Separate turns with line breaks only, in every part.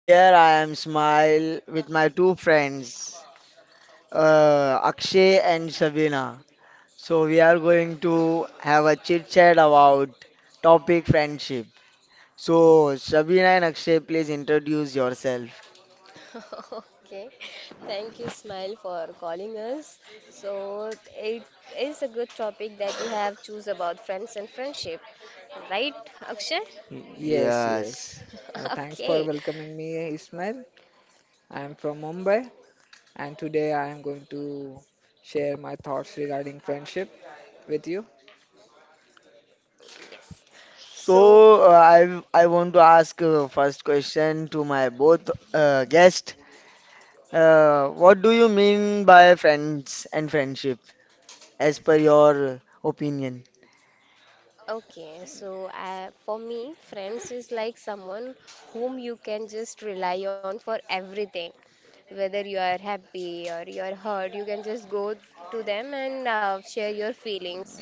Here I am Smile with my two friends, Akshay and Sabina. So we are going to have a chit chat about topic friendship. So Sabina and Akshay, please introduce yourself.
Okay, thank you, Smile, for calling us. So it is a good topic that you have choose about friends and friendship, right, Akshay?
Y-
Yes, yes.
Yes.
Thanks for
Okay,
welcoming me, Ismail. I'm from Mumbai, and today I am going to share my thoughts regarding friendship with you.
yes. So
So I want to ask first question to my both guests. What do you mean by friends and friendship? As per your opinion.
Okay, so for me, friends is like someone whom you can just rely on for everything. Whether you are happy or you are hurt, you can just go to them and share your feelings,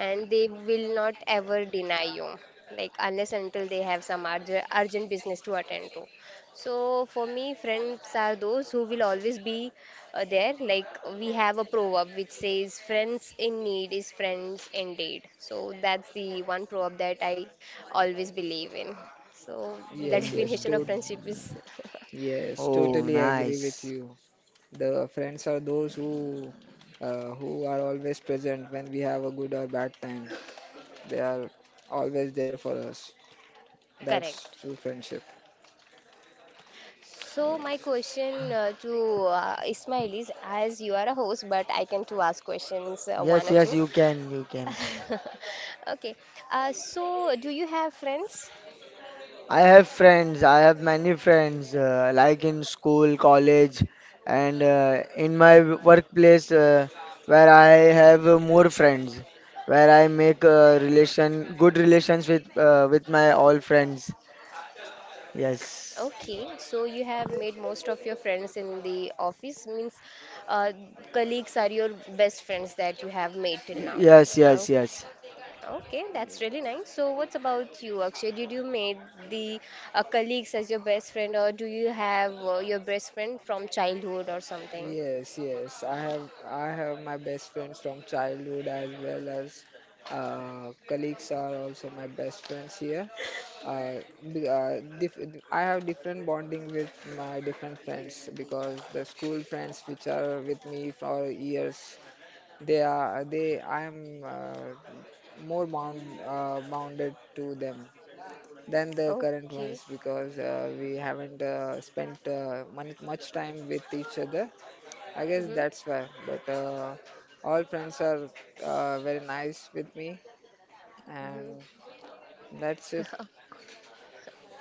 and they will not ever deny you, like unless until they have some urgent business to attend to. So for me, friends are those who will always be there. Like we have a proverb which says, "Friends in need is friends indeed." So that's the one proverb that I always believe in. So the
Yes, yes,
definition of
to
Hmm.
friendship is.
yes,
Oh,
Yes,
totally agree with
nice.
you. The friends are those who are always present when we have a good or bad time. They are always there for us. That's
correct.
true friendship.
So my
Yes.
question to Ismail is, as you are a host, but I can too ask questions one
Yes,
or
yes,
two.
you can, you can.
Okay. So do you have friends?
I have friends, I have many friends, like in school, college, and in my workplace, where I have more friends, where I make relation, good relations with my all friends. Yes,
Okay, so you have made most of your friends in the office, means uh, colleagues are your best friends that you have made till now.
yes,
Oh,
yes, yes,
okay,
Yeah.
that's really nice. So, what's about you, Akshay? Did you made the colleagues as your best friend, or do you have your best friend from childhood or something?
Yes, yes. I have my best friends from childhood as well as colleagues are also my best friends here. Uh, be- dif I have different bonding with my different friends because the school friends which are with me for years, they are they I am more bound bounded to them than the current
Okay.
ones because we haven't spent much time with each other, I guess.
Mm-hmm.
That's why. But All friends are very nice with me,
Mm-hmm.
and that's it.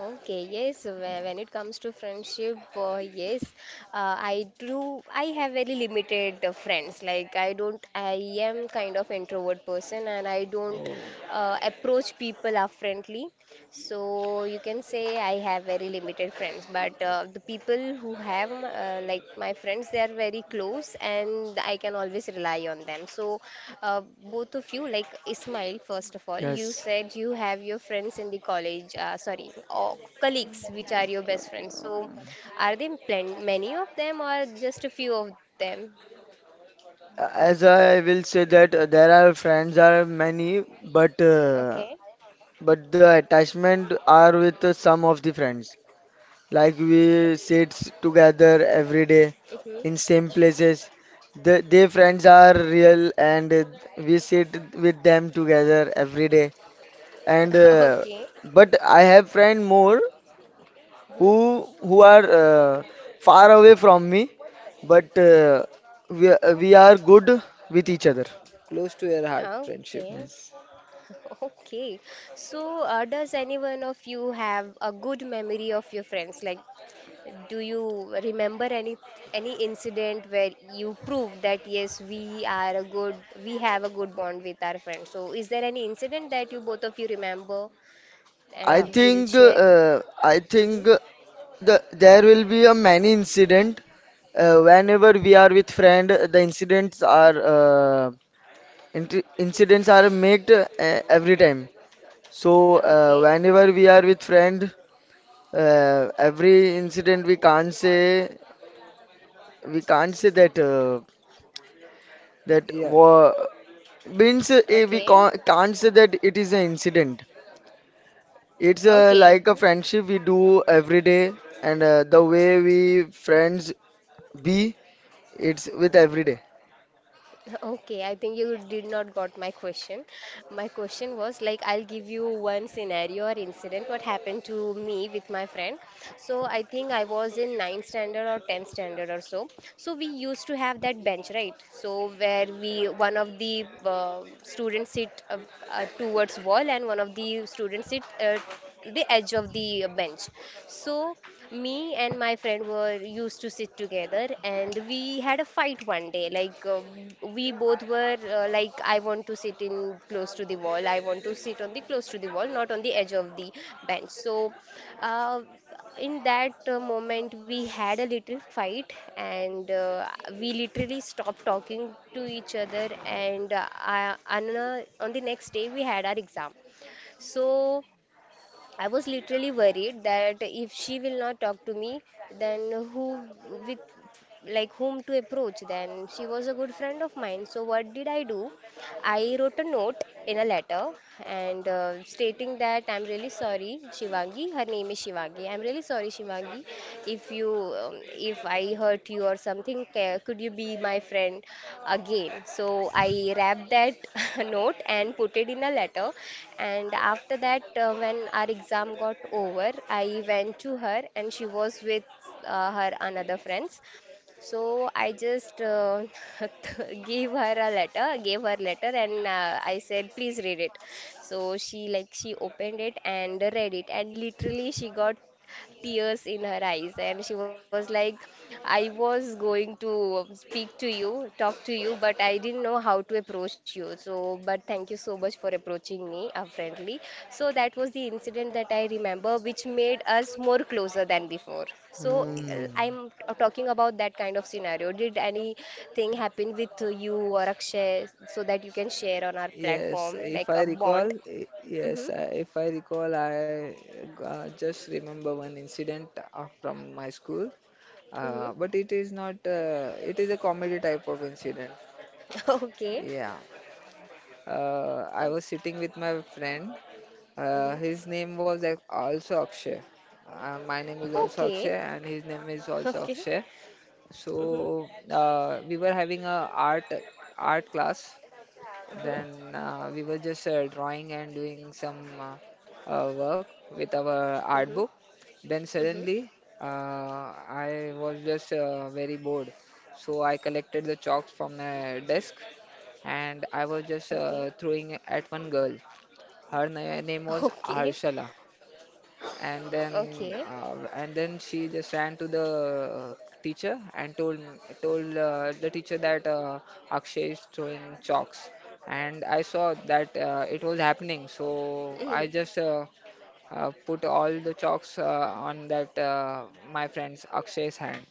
Okay, yes, when it comes to friendship, yes, I do. I have very limited friends. Like, I don't, I am kind of introvert person and I don't
Oh,
approach people up friendly. So you can say I have very limited friends, but the people who like my friends, they are very close, and I can always rely on them. So both of you, like Ismail, first of all, you
yes.
said you have your friends in the college, sorry, or colleagues, which are your best friends. So are there many of them, or just a few of them?
As I will say that there are friends are many, but uh,
Okay.
but the attachment are with some of the friends. Like we sits together every day
Mm-hmm.
in same places. Their friends are real, and we sit with them together every day. And uh,
Okay.
but I have friend more
Mm-hmm.
who are far away from me, but we are good with each other.
close to your heart friendship.
Okay.
Yes.
Okay. So, does anyone of you have a good memory of your friends? Like, do you remember any incident where you prove that yes, we have a good bond with our friends? So, is there any incident that you both of you remember
I
Yeah,
and will
think
share?
uh, I think
Mm-hmm.
there will be a many incident
Mm-hmm.
whenever we are with friend the incidents are incidents are made every time, so
Okay.
whenever we are with friend every incident we can't say that that
yeah.
wa- means we
Okay.
can't say that it is an incident. It's
Okay.
like a friendship we do every day, and the way we friends be, it's with every day.
Okay, I think you did not got my question. My question was like, I'll give you one scenario or incident what happened to me with my friend. So I think I was in ninth standard or 10th standard or so. So we used to have that bench, right? So where we one of the students sit towards wall and one of the students sit to the edge of the bench. So me and my friend were used to sit together and we had a fight one day. Like, we both were like, I want to sit in close to the wall, I want to sit on the close to the wall, not on the edge of the bench. So, uh, in that moment, we had a little fight, and we literally stopped talking to each other. And on the next day, we had our exam. So I was literally worried that if she will not talk to me, then who with like whom to approach? Then she was a good friend of mine. So what did I do? I wrote a note in a letter and, stating that I'm really sorry, Shivangi. Her name is Shivangi. I'm really sorry, Shivangi, if you if I hurt you or something. Could you be my friend again? So I wrapped that note and put it in a letter. And after that, when our exam got over, I went to her and she was with her another friends. So I just gave her letter, and I said, please read it. So she opened it and read it, and literally she got tears in her eyes and she was like, I was going to speak to you, talk to you, but I didn't know how to approach you. So but thank you so much for approaching me friendly. So that was the incident that I remember which made us more closer than before. So
Oh,
uh,
Hmm.
i'm t- talking about that kind of scenario. Did anything happen with you or Akshay so that you can share on our
yes.
platform,
If
like,
I
a
recall,
bond?
I-
Mm-hmm.
yes. I- If I recall, I just remember one incident from my school.
Mm-hmm.
But it is not. It is a comedy type of incident.
Okay,
Yeah. I was sitting with my friend.
okay.
His name was also Akshay. My name is also
Okay.
Akshay, and his name is also
Okay.
Akshay. So
Mm-hmm.
we were having a art class.
Mm-hmm.
Then we were just drawing and doing some work with our art
Mm-hmm.
book. Then
Mm-hmm.
suddenly, uh, I was just very bored. So I collected the chalks from the desk, and I was
Okay.
just throwing at one girl. Name was
Okay.
Harshala, and
Okay.
then she just ran to the teacher and told the teacher that Akshay is throwing chalks. And I saw that it was
Mm-hmm.
happening, so I just put all the chalks on that my friend's Akshay's hand,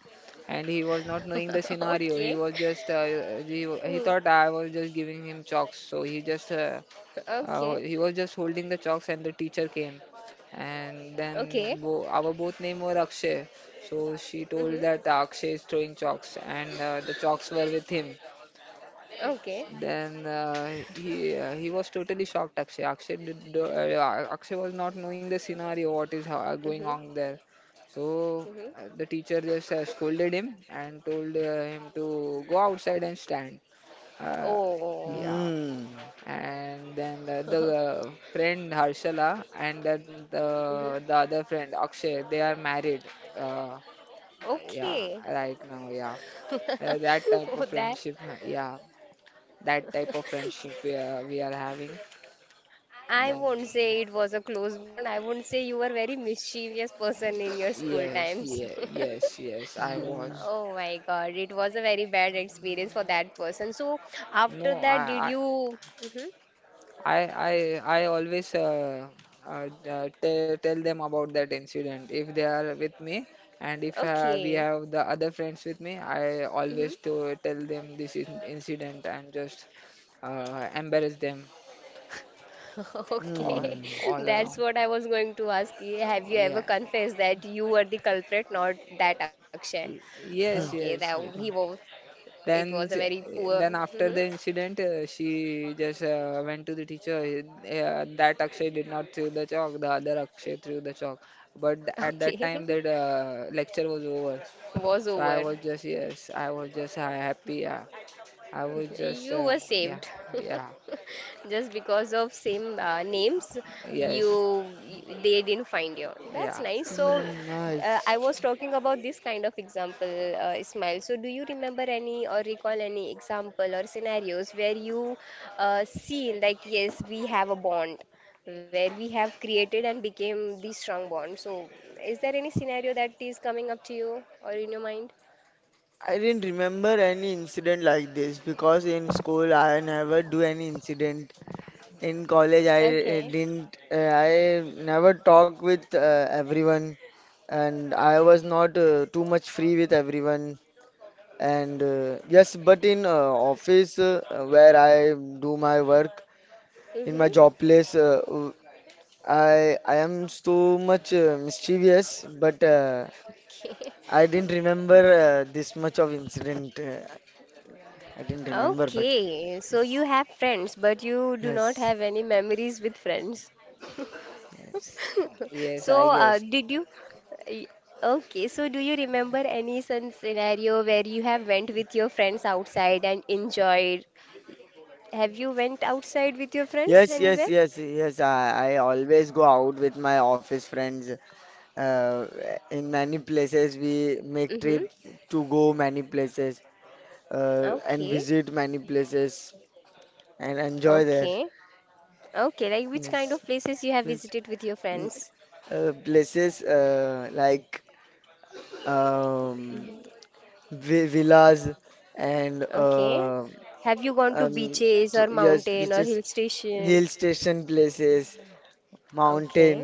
and he was not knowing the
Okay.
scenario. He was just
Mm.
he thought I was just giving him chalks, so he just
Okay.
he was just holding the chalks, and the teacher came. And
Okay.
then our both name were Akshay. So she
Mm-hmm.
told that Akshay is throwing chalks, and the chalks were with him.
Okay.
Then he was totally shocked. Akshay was not knowing the scenario what is going
Mm-hmm.
on there. So
Mm-hmm.
the teacher just scolded him and told him to go outside and stand. Uh,
Oh.
yeah,
Hmm.
and then the friend Harshala and
Mm-hmm.
the other friend Akshay, they are married uh, yeah
Okay.
right now. Yeah. That
For
type of
that,
friendship, yeah, that type of friendship we are having. And
I
then
won't say it was a close bond. I won't say you were very mischievous person in your school
yes,
times.
yeah, yes yes, I
Hmm.
was.
Oh my God, it was a very bad experience for that person. So
No,
after that, did you? Hmm.
I I I always tell them about that incident if they are with me. And if we
Okay.
have the other friends with me, I
Hmm.
always to tell them this incident and just embarrass them all,
Okay,
Hmm.
all
that's
along.
what I was going to ask you. Have you
Yeah.
ever confessed that you were the culprit, not that Akshay?
Yes,
Okay,
Hmm.
yes,
that he
Vikram.
was. It
Then,
was a very poor.
then
Hmm.
after the incident, she just went to the teacher. That Akshay did not throw the chalk. The other Akshay threw the chalk. At
Okay,
that time, that lecture was over.
was
So I
over.
was just yes, I was just happy. Yeah. I was just
You were
yeah,
saved.
yeah,
Just because of same names,
yes,
they didn't find you.
yeah,
That's nice. So,
Hmm, nice.
I was talking about this kind of example, Ismail. So, do you remember any or recall any example or scenarios where you seen, like, yes, we have a bond where we have created and became the strong bond. So, is there any scenario that is coming up to you or in your mind?
I didn't remember any incident like this because in school I never do any incident. In college I
Okay.
didn't. I never talk with everyone, and I was not too much free with everyone. And yes, but in office, where I do my work in my
Mm-hmm.
job place, I am so much mischievous, but
Okay.
I didn't remember this much of incident, I didn't remember, but
Okay, so
yes,
you have friends, but you do not
yes,
have any memories with friends.
yes.
yes. I
So,
guess
did you? y- Okay, so do you remember any some scenario where you have went with your friends outside and enjoyed? Have you went outside with your friends
Yes, yes,
anywhere?
yes, yes. I always go out with my office friends. Uh, in many places, we make trip
Mm-hmm.
to go many places, and
Okay,
visit many places. And enjoy there.
okay, okay. Like which
Yes,
kind of places you have
yes.
visited with your
Mm,
friends?
places like um,
Hmm.
vi villas and
Okay. Have you gone to
um,
beaches or
yes,
mountain or
beaches,
hill station?
hill station places, mountain,
Okay.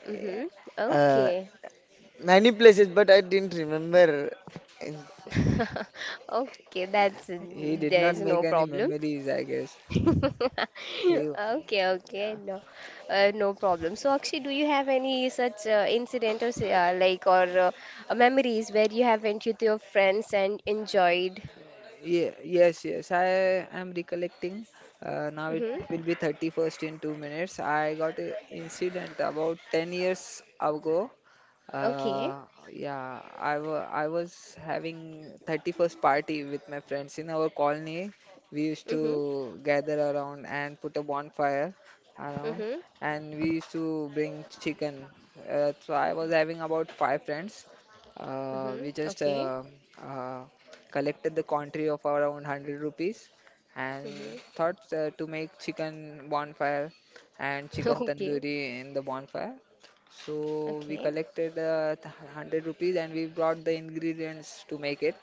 Mm-hmm.
uh,
Okay.
many places. But I didn't remember.
Okay, that's
he did not
there's
make
no
any
problem.
memories. I guess he.
Okay, okay,
Yeah.
no, no problem. So, Akshay, do you have any such incident or like or memories where you have went with your friends and enjoyed?
Yeah, yes, yes. I am recollecting. Now it
Mm-hmm.
will be 31st in 2 minutes. I got an incident about 10 years ago.
Okay.
Uh, yeah, I was having 31st party with my friends in our colony. We used to
Mm-hmm.
gather around and put a bonfire around,
Mm-hmm.
and we used to bring chicken. So I was having about 5 friends. We
Mm-hmm.
just
Okay.
uh, Collected the country of around 100 rupees and
Mm-hmm.
thought to make chicken bonfire and chicken
Okay.
tandoori in the bonfire. So we
Okay.
collected 100 rupees, and we brought the ingredients to make it.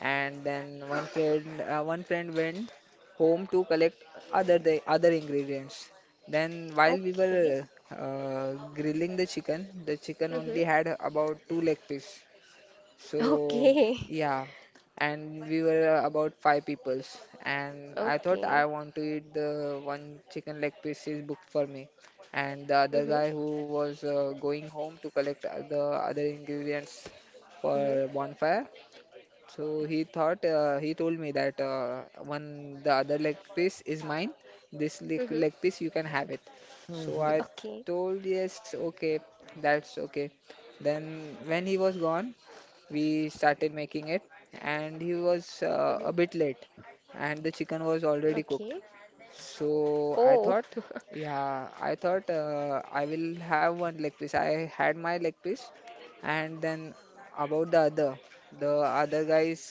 And then one friend went home to collect other the other ingredients. Then while we
Okay.
were grilling the chicken only
Mm-hmm.
had about 2 leg piece. So
Okay.
yeah, and we were about 5 peoples, and I thought I
Okay.
want to eat the one chicken leg piece is booked for me, and the other
Mm-hmm.
guy who was going home to collect the other ingredients for
Mm-hmm.
bonfire. So he thought he told me that one the other leg piece is mine. This leg
Mm-hmm.
piece you can have it. So
Mhm.
I
Okay.
told yes, okay, that's okay. Then when he was gone, we started making it, and he was a
Mhm.
bit late, and the chicken was already cooked.
Okay.
So I
Oh.
thought, yeah, I thought I will have one leg piece. I had my leg piece, and then about the other guys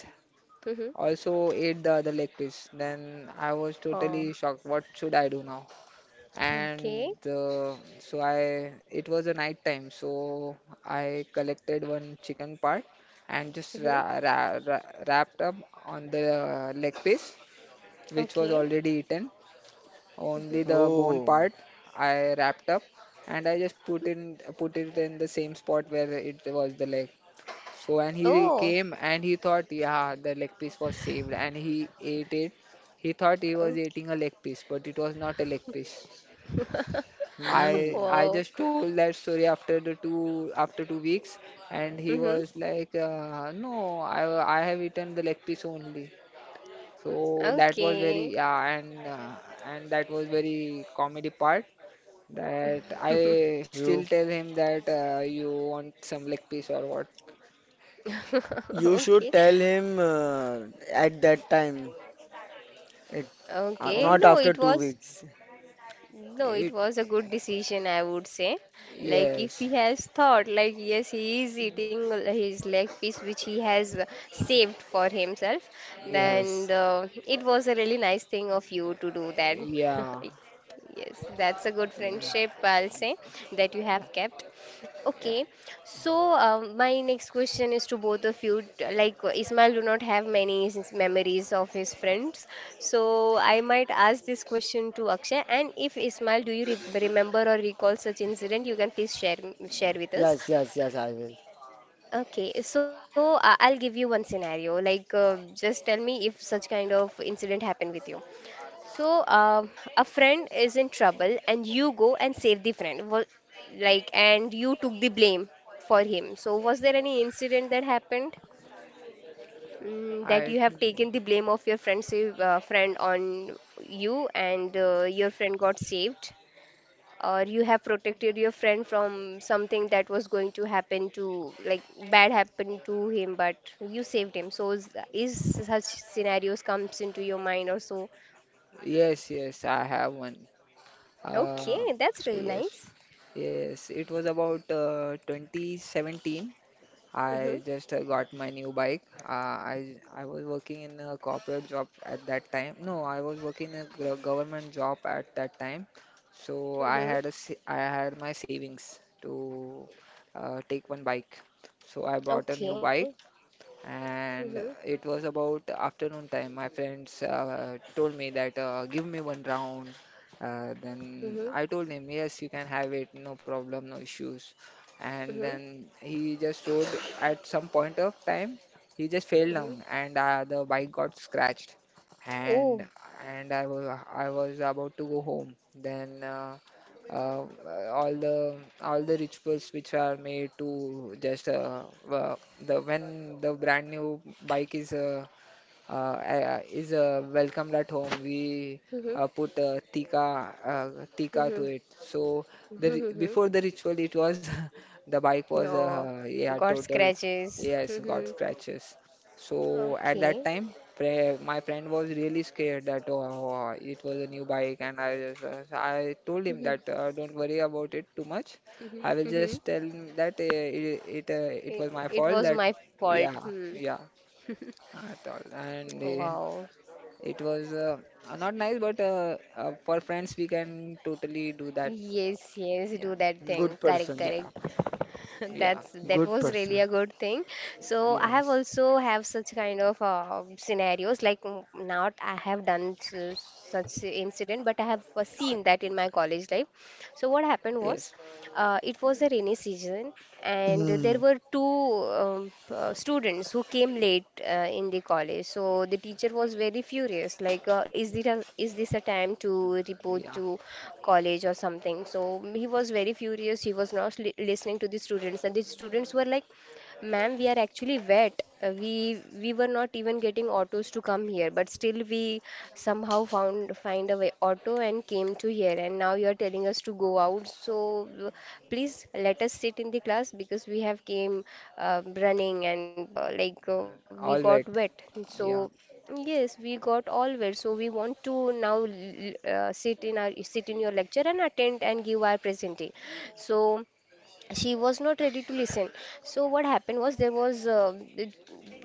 Mhm.
also ate the other leg piece. Then I was totally
Oh.
shocked, what should I do now. And
Okay.
So I, it was a night time, so I collected one chicken part and just
Mhm.
ra ra ra wrapped up on the leg piece, which was
Okay.
already eaten. Only
Mhm.
the bone
Oh,
part I wrapped up, and I just put it in the same spot where it was the leg. So and he
Oh.
came and he thought, yeah, the leg piece was saved, and he ate it. He thought he was
Okay.
eating a leg piece, but it was not a leg piece. I
hmm.
I
Wow.
just told that story after the two after 2 weeks, and he
Mhm.
was like, "No, I have eaten the leg piece only." So that was
Okay.
very yeah. And that was very comedy part. That I still
You
tell him that you want some leg piece or what
you should
Okay.
tell him at that time. It
Okay.
or
not
No,
after
it
two
was.
weeks.
No, it
it.
was a good decision, I would say. Like, if
Yes,
he has thought, like, yes, he is eating his leg piece which he has saved for himself,
yeah
then
Yes.
it was a really nice thing of you to do that.
yeah
Yes, that's a good friendship, I'll say, that you
yeah
have kept.
yeah.
Okay, so my next question is to both of you. Like Ismail do not have many memories of his friends, so I might ask this question to Akshay. And if Ismail, do you remember or recall such incident, you can please share with
Yes,
us.
yes, yes, I will.
Okay, so I'll give you one scenario. Like, just tell me if such kind of incident happened with you. So, a friend is in trouble, and you go and save the friend. Like, and you took the blame for him. So, was there any incident that happened, that
I,
you have taken the blame of your friend's, friend on you, and your friend got saved, or you have protected your friend from something that was going to happen to, like, bad happened to him, but you saved him. So, is such scenarios comes into your mind or so?
yes, yes, I have one. Uh,
Okay, that's really
yes,
nice.
yes. It was about 2017. I
Mhm.
just Got my new bike. I was working in a corporate job at that time. No, I was working in a government job at that time. So
Mhm.
I had my savings to take one bike. So I bought a new
Okay.
bike, and
Mhm.
it was about afternoon time. My friends told me that give me one round.
Mhm.
Then I told him, yes, you can have it, no problem, no issues. And
Mhm.
then he just rode at some point of time, he just fell
Mhm.
down, and the bike got scratched. And
Oh.
and I was, I was about to go home. Then all the rituals which are made to just uh, the when the brand new bike is welcomed at home. We
Mhm.
put tika to
Mhm.
it. So
Mhm. Mhm.
before the ritual, it was the bike was
Oh.
yeah,
Got
total.
scratches.
Yes, got
Mhm.
scratches. So at that
Okay.
time, my friend was really scared that, oh, oh, it was a new bike, and I just I told him
Mhm.
that don't worry about it too much.
Mhm.
I will just
Mhm.
tell him that it it, it
It,
was my
it
fault
was
that
my fault.
yeah,
Hmm.
yeah at all. And
Wow.
It was not nice, but for friends, we can totally do that.
Yes, yes, do
Yeah,
that thing.
Good
Correct,
person.
yeah,
correct.
yeah,
That
Good
was really
person.
a good thing. So I have
yes,
also have such kind of scenarios, like not I have done such incident, but I have seen that in my college life. So what happened was,
yes,
it was a rainy season, and there
Mm,
were two students who came late in the college. So the teacher was very furious, like, is this a time to report
yeah,
to college or something. So he was very furious. He was not li listening to the students, and the students were like, "Ma'am, we are actually wet. We were not even getting autos to come here, but still we somehow found find a way auto and came to here. And now you are telling us to go out. So please let us sit in the class because we have came running and we
all wet.
got wet. So."
Yeah,
Yes, we got all always. So we want to now sit in our sit in your lecture and attend and give our presenting. So she was not ready to listen. So what happened was there was uh, th-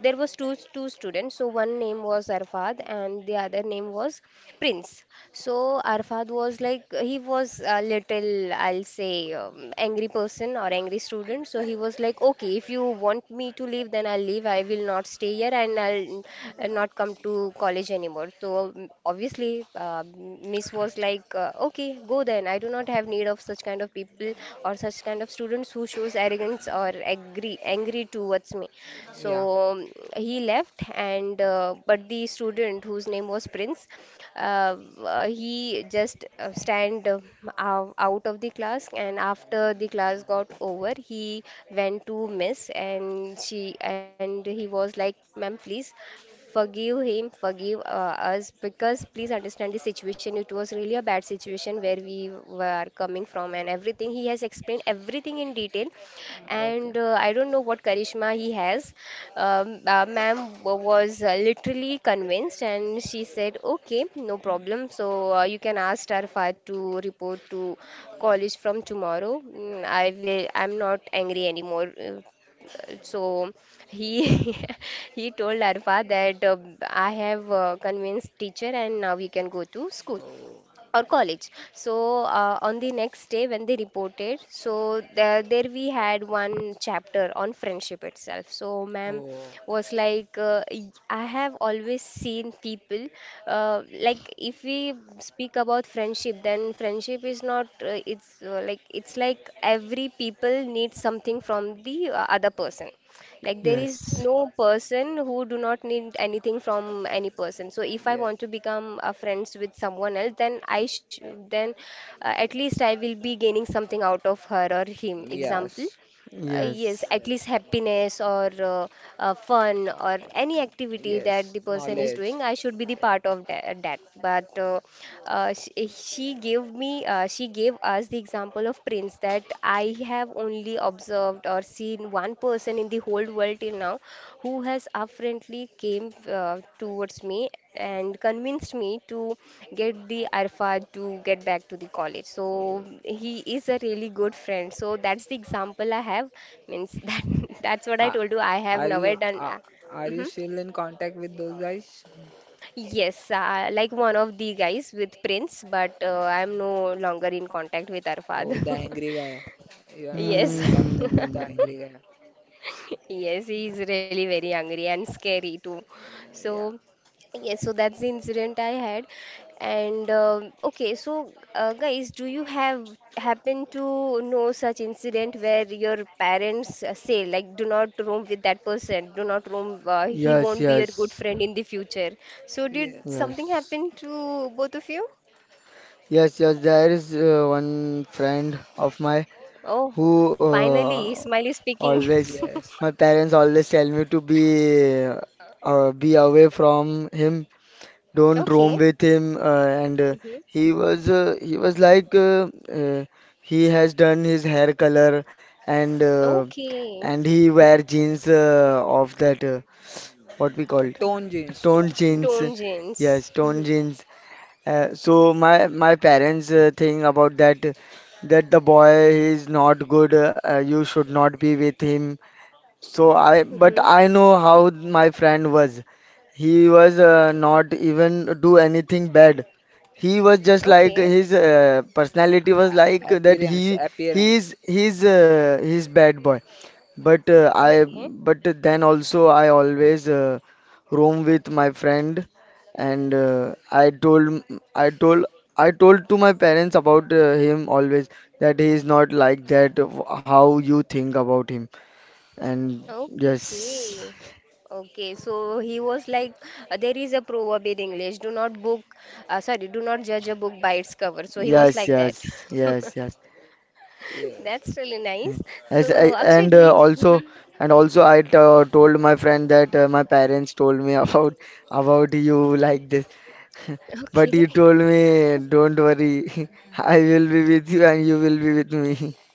there was two students. So one name was Arfad and the other name was Prince. So Arfad was like he was a little I'll say angry person or angry student. So he was like, okay, if you want me to leave, then I'll leave. I will not stay here and I'll and not come to college anymore. So obviously, Miss was like, okay, go then. I do not have need of such kind of people or such kind of students who shows arrogance or angry towards me.
yeah,
So he left, and but the student whose name was Prince, uh, he just stand out of the class, and after the class got over, he went to Miss, and she and he was like, ma'am, please forgive him, forgive us, because please understand the situation. It was really a bad situation where we were coming from, and everything. He has explained everything in detail,
okay.
and I don't know what Karishma he has. Ma'am was literally convinced, and she said, "Okay, no problem. So you can ask Starfire to report to college from tomorrow. Mm, I will. I'm not angry anymore." So he he told Arfa that I have convinced teacher and now you can go to school
Oh,
or college. So on the next day when they reported, so there we had one chapter on friendship itself. So ma'am
oh,
was like, I have always seen people like if we speak about friendship, then friendship is not it's like it's like every people needs something from the other person like there
yeah,
is
yes.
no person who do not need anything from any person. So if I
yes,
want to become a friends with someone else, then I sh then at least I will be gaining something out of her or him. Example.
yes,
Yes,
Yes.
at
yes.
least happiness or fun or
Uh,
any activity that
yes,
the person is
knowledge.
doing, I should be the
Yeah.
part of that. But she gave us the example of prince that I have only observed or seen one person in the whole world till now who has apparently came towards me and convinced me to get the arfa to get back to the college so
Oh.
he is a really good friend so that's the example I have means that that's what I
Are,
told you I have
are
never
you
done
are, are you
mhm.
still in contact with those guys?
Yes, like one of the guys with Prince, but I'm no longer in contact with Arfad.
Oh, the angry guy. You are not
Yes.
in contact with the
Mm,
angry guy.
Yes, he is really very angry and scary too.
Yeah.
So, yes, so that's the incident I had. And okay, so guys, do you have happen to know such incident where your parents say like, do not roam with that person, do not roam, he
yes,
won't be your good
yes,
friend in the future. So, did
Yeah.
something
yes.
happen to both of you?
Yes, yes, there is one friend of mine
Oh,
who
finally, Ismail is speaking.
always,
Yes.
my parents always tell me to be away from him, don't
Okay.
roam with him, and
Hmm.
he was like uh, he has done his hair color, and uh,
Okay.
and he wear jeans of that what we called
Tone jeans. Tone
toned jeans,
Tone
jeans.
jeans.
yes,
Mhm.
toned jeans, so my my parents think about that that the boy is not good, you should not be with him, so
Mhm.
but I know how my friend was. He was not even do anything bad. He was just like
Okay.
his personality was like that.
Appearance.
He
Appearance.
he's bad boy. But uh, I
Okay.
but then also I always roam with my friend, and I told I told to my parents about him always that he is not like that. How you think about him? And yes,
Okay. Okay. So he was like, there is a proverb in English, do not judge a book by its cover. So he was
yes,
like that.
yes, yes, yes.
Yes.
That's really nice.
As I,
So
and
Akshay, do you?
also and also I told my friend that my parents told me about you like this,
Okay.
but he told me, "Don't worry, I will be with you and you will be with me."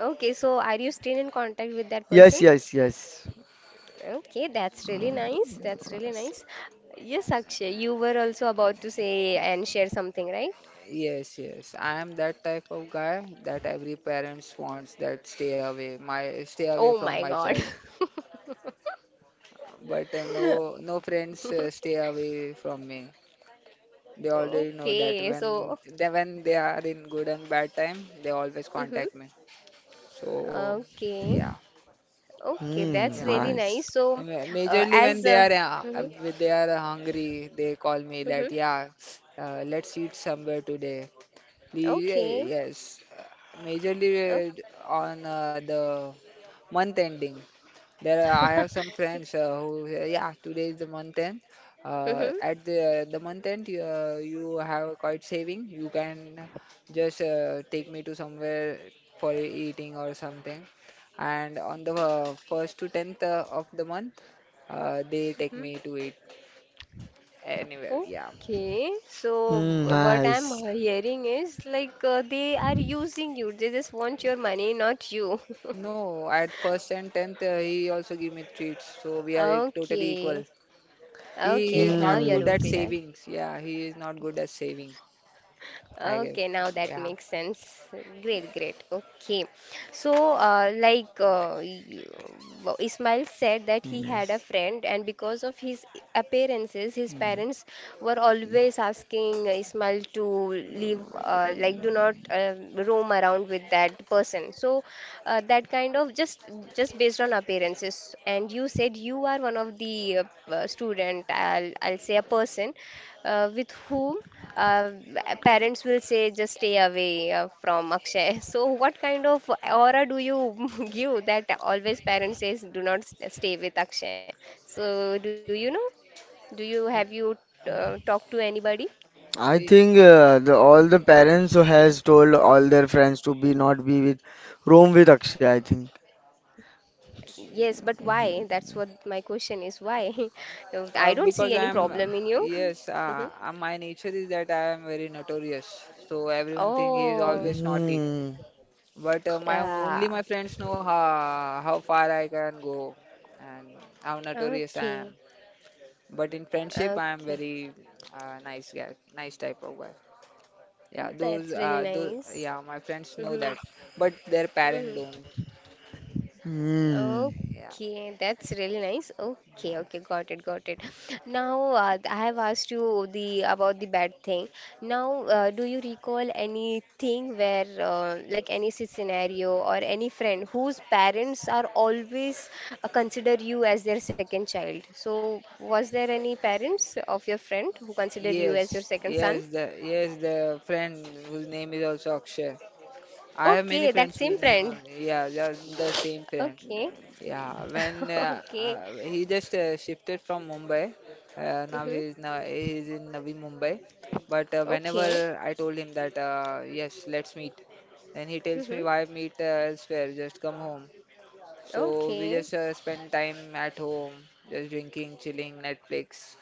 Okay. So are you still in contact with that
Yes,
person?
yes, yes.
Okay, that's really nice. That's really
Nice.
nice. Yes, Akshay, you were also about to say and share something, right?
Yes, yes. I am that type of guy that every parents wants that stay away, my stay away
Oh my
from my
God.
child. But No, no friends stay away from me. They already know
Okay,
that
so
when they are in good and bad time, they always
mm-hmm.
contact me. So
Okay,
yeah,
okay,
Hmm,
that's
yeah.
really
nice.
nice.
I
So,
mean, majorly
as mm-hmm.
when they are hungry, they call me
Mm-hmm.
that yeah, let's eat somewhere today. Please,
Okay,
yes.
oh.
Majorly on the month ending. There, I have some friends yeah, today is the month end.
Mm-hmm.
At the month end, you have quite saving. You can just take me to somewhere for eating or something. And on the first to tenth of the month, they take
Mm-hmm.
me to eat anywhere. Yeah.
Okay, so
Hmm,
what
nice.
I'm hearing is like they are using you. They just want your money, not you.
No, at first and tenth, he also give me treats. So totally equal.
Okay,
He
okay,
is
now
not
you're
good
Hmm.
at
okay.
savings. Yeah, he is not good at saving. I guess.
Okay, now that
Yeah.
makes sense. Great, great. Okay. So, you, well, Ismail said that he had
Yes.
a friend, and because of his appearances, his
Hmm.
parents were always asking Ismail to leave, like, do not roam around with that person. So, that kind of just based on appearances. And you said you are one of the student, I'll say a person with whom uh, parents will say just stay away from Akshay. So what kind of aura do you give that always parents says do not stay with Akshay? So do you know? Do you have you talked to anybody?
I
Y-
think all the parents who has told all their friends to be not be with, room with Akshay. I think.
Yes, but why? That's what my question is. Why? I don't see
Because I
any
am,
problem in you.
yes,
Mhm.
my nature is that I am very notorious. So everyone think he is
Oh,
always naughty.
Mm,
But my only
yeah.
my friends know how far I can go and how notorious I am.
Okay.
But in friendship, I am
Okay.
very nice guy, nice type of guy. Yeah,
That's really
those
nice.
yeah, my friends know
Mm-hmm.
that, but their parent
Mm-hmm.
don't.
mm,
Yeah,
Okay, that's really nice.
yeah.
Okay, okay, got it, got it. Now, I have asked you the about the bad thing. Now, do you recall anything where, like any scenario or any friend whose parents are always consider you as their second child? So, was there any parents of your friend who consider you
Yes,
as your second
yes,
son?
the friend whose name is also Akshay. I have many
Okay, that
friends
same
whose name,
friend.
yeah, yeah, the same friend.
Okay,
Yeah, when
okay,
he just shifted from Mumbai,
mm-hmm.
now he's in Navi Mumbai. But whenever
Okay.
I told him that yes, let's meet, then he tells me,
Mm-hmm.
why meet elsewhere? Just come home. So we just
Okay.
spend time at home, just drinking, chilling, Netflix.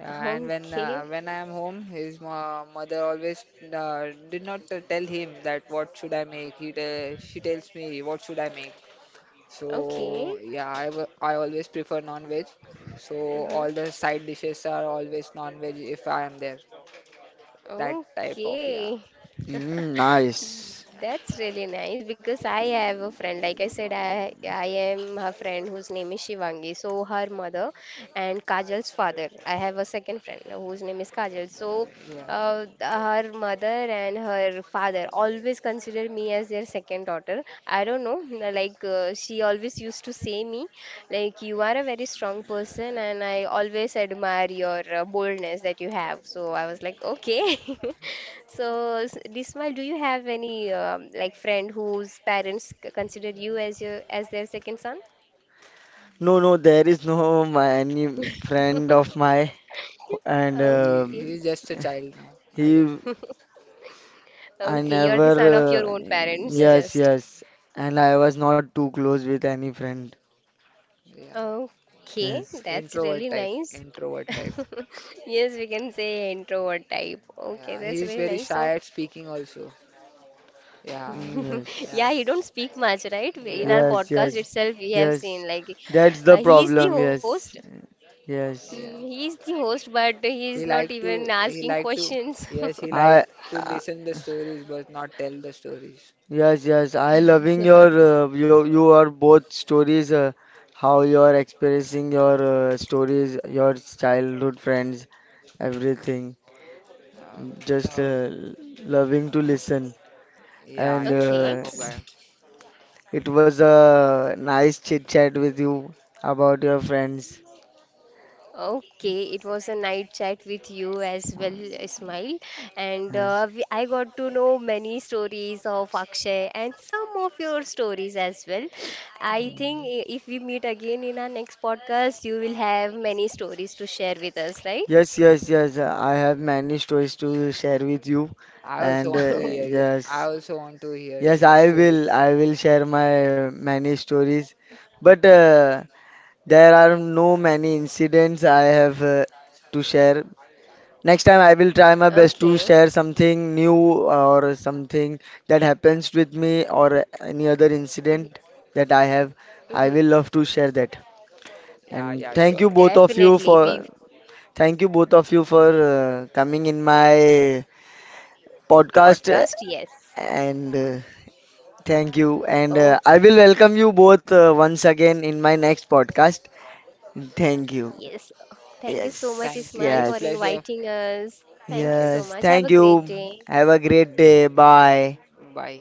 Yeah, and when uh,
Okay.
when I am home, his ma mother always did not tell him that what should I make. He te She tells me what should I make. So
Okay.
yeah, I always prefer non-veg. So
Hmm.
all the side dishes are always non-veg if I am there. That type of yeah,
Okay.
mm, nice.
That's really nice because I have a friend. Like I said, I am her friend whose name is Shivangi. So her mother and Kajal's father. I have a second friend whose name is Kajal. So
yeah.
her mother and her father always consider me as their second daughter. I don't know. Like she always used to say me like you are a very strong person, and I always admire your boldness that you have. So I was like, okay. So Dismal, do you have any like friend whose parents consider you as your as their second son?
No, no, there is no my any friend of my, and
He
Okay,
he's just a child now, I guess.
he. I
okay,
Yeah,
you're the son of
still
never.
your
Uh,
a
own
child.
parents,
yes,
Yes,
just.
yes, and I was not too close with any friend.
yeah.
Okay,
Yes,
that's
Introvert
really
type,
nice.
introvert type.
yes.
Yes, we can say introvert type. Okay,
Yeah, he
that's
is
really
very
nice. So,
shy at speaking also. Yeah,
Hmm,
yeah,
yeah,
he don't
yes.
speak much, right? In our
yeah,
Yes,
podcast
yes,
itself, we have
yes.
seen like
That's the
he is the
problem.
host.
Yes,
Mm,
yes.
yeah.
he is the host, but he is not
He like
even
to,
asking
he like to,
questions.
yes, he like
I,
to
I
listen the stories, but not tell the stories.
yes, yes. I loving your your both stories. How you are expressing your stories, your childhood friends, everything.
Uh,
Just
no,
loving to listen.
yeah,
And
you are
Okay.
type of guy.
it was a nice chit chat with you about your friends.
Okay, it was a night chat with you as
Uh,
well, Ismail. And
Yes.
I got to know many stories of Akshay and some of your stories as well. I think if we meet again in our next podcast, you will have many stories to share with us, right?
Yes, yes, yes. I have many stories to share with you,
I also
and
want to hear it. I
yes,
also want to hear
yes,
your
I will.
stories.
I will share my many stories, but there are no many incidents I have to share. Next time, I will try my
Okay.
best to share something new or something that happens with me or any other
Mhm,
incident that I have.
mhm.
I will love to share that.
Yeah,
And
yeah,
thank
sure.
you both of
Definitely,
you
we
for Thank you both of you for coming in my podcast,
podcast,
uh,
yes.
and uh, thank you, and
Oh,
I will welcome you both once again in my next podcast. Thank you.
yes. Thank you so much,
Yes.
Thank you.
Ismail, for
It's
Yes.
pleasure.
inviting us. Thank
Yeah,
you so
it's
Yes.
much. Have a
Thank
great
you.
day.
Have a
Yeah.
great day. Bye.
bye.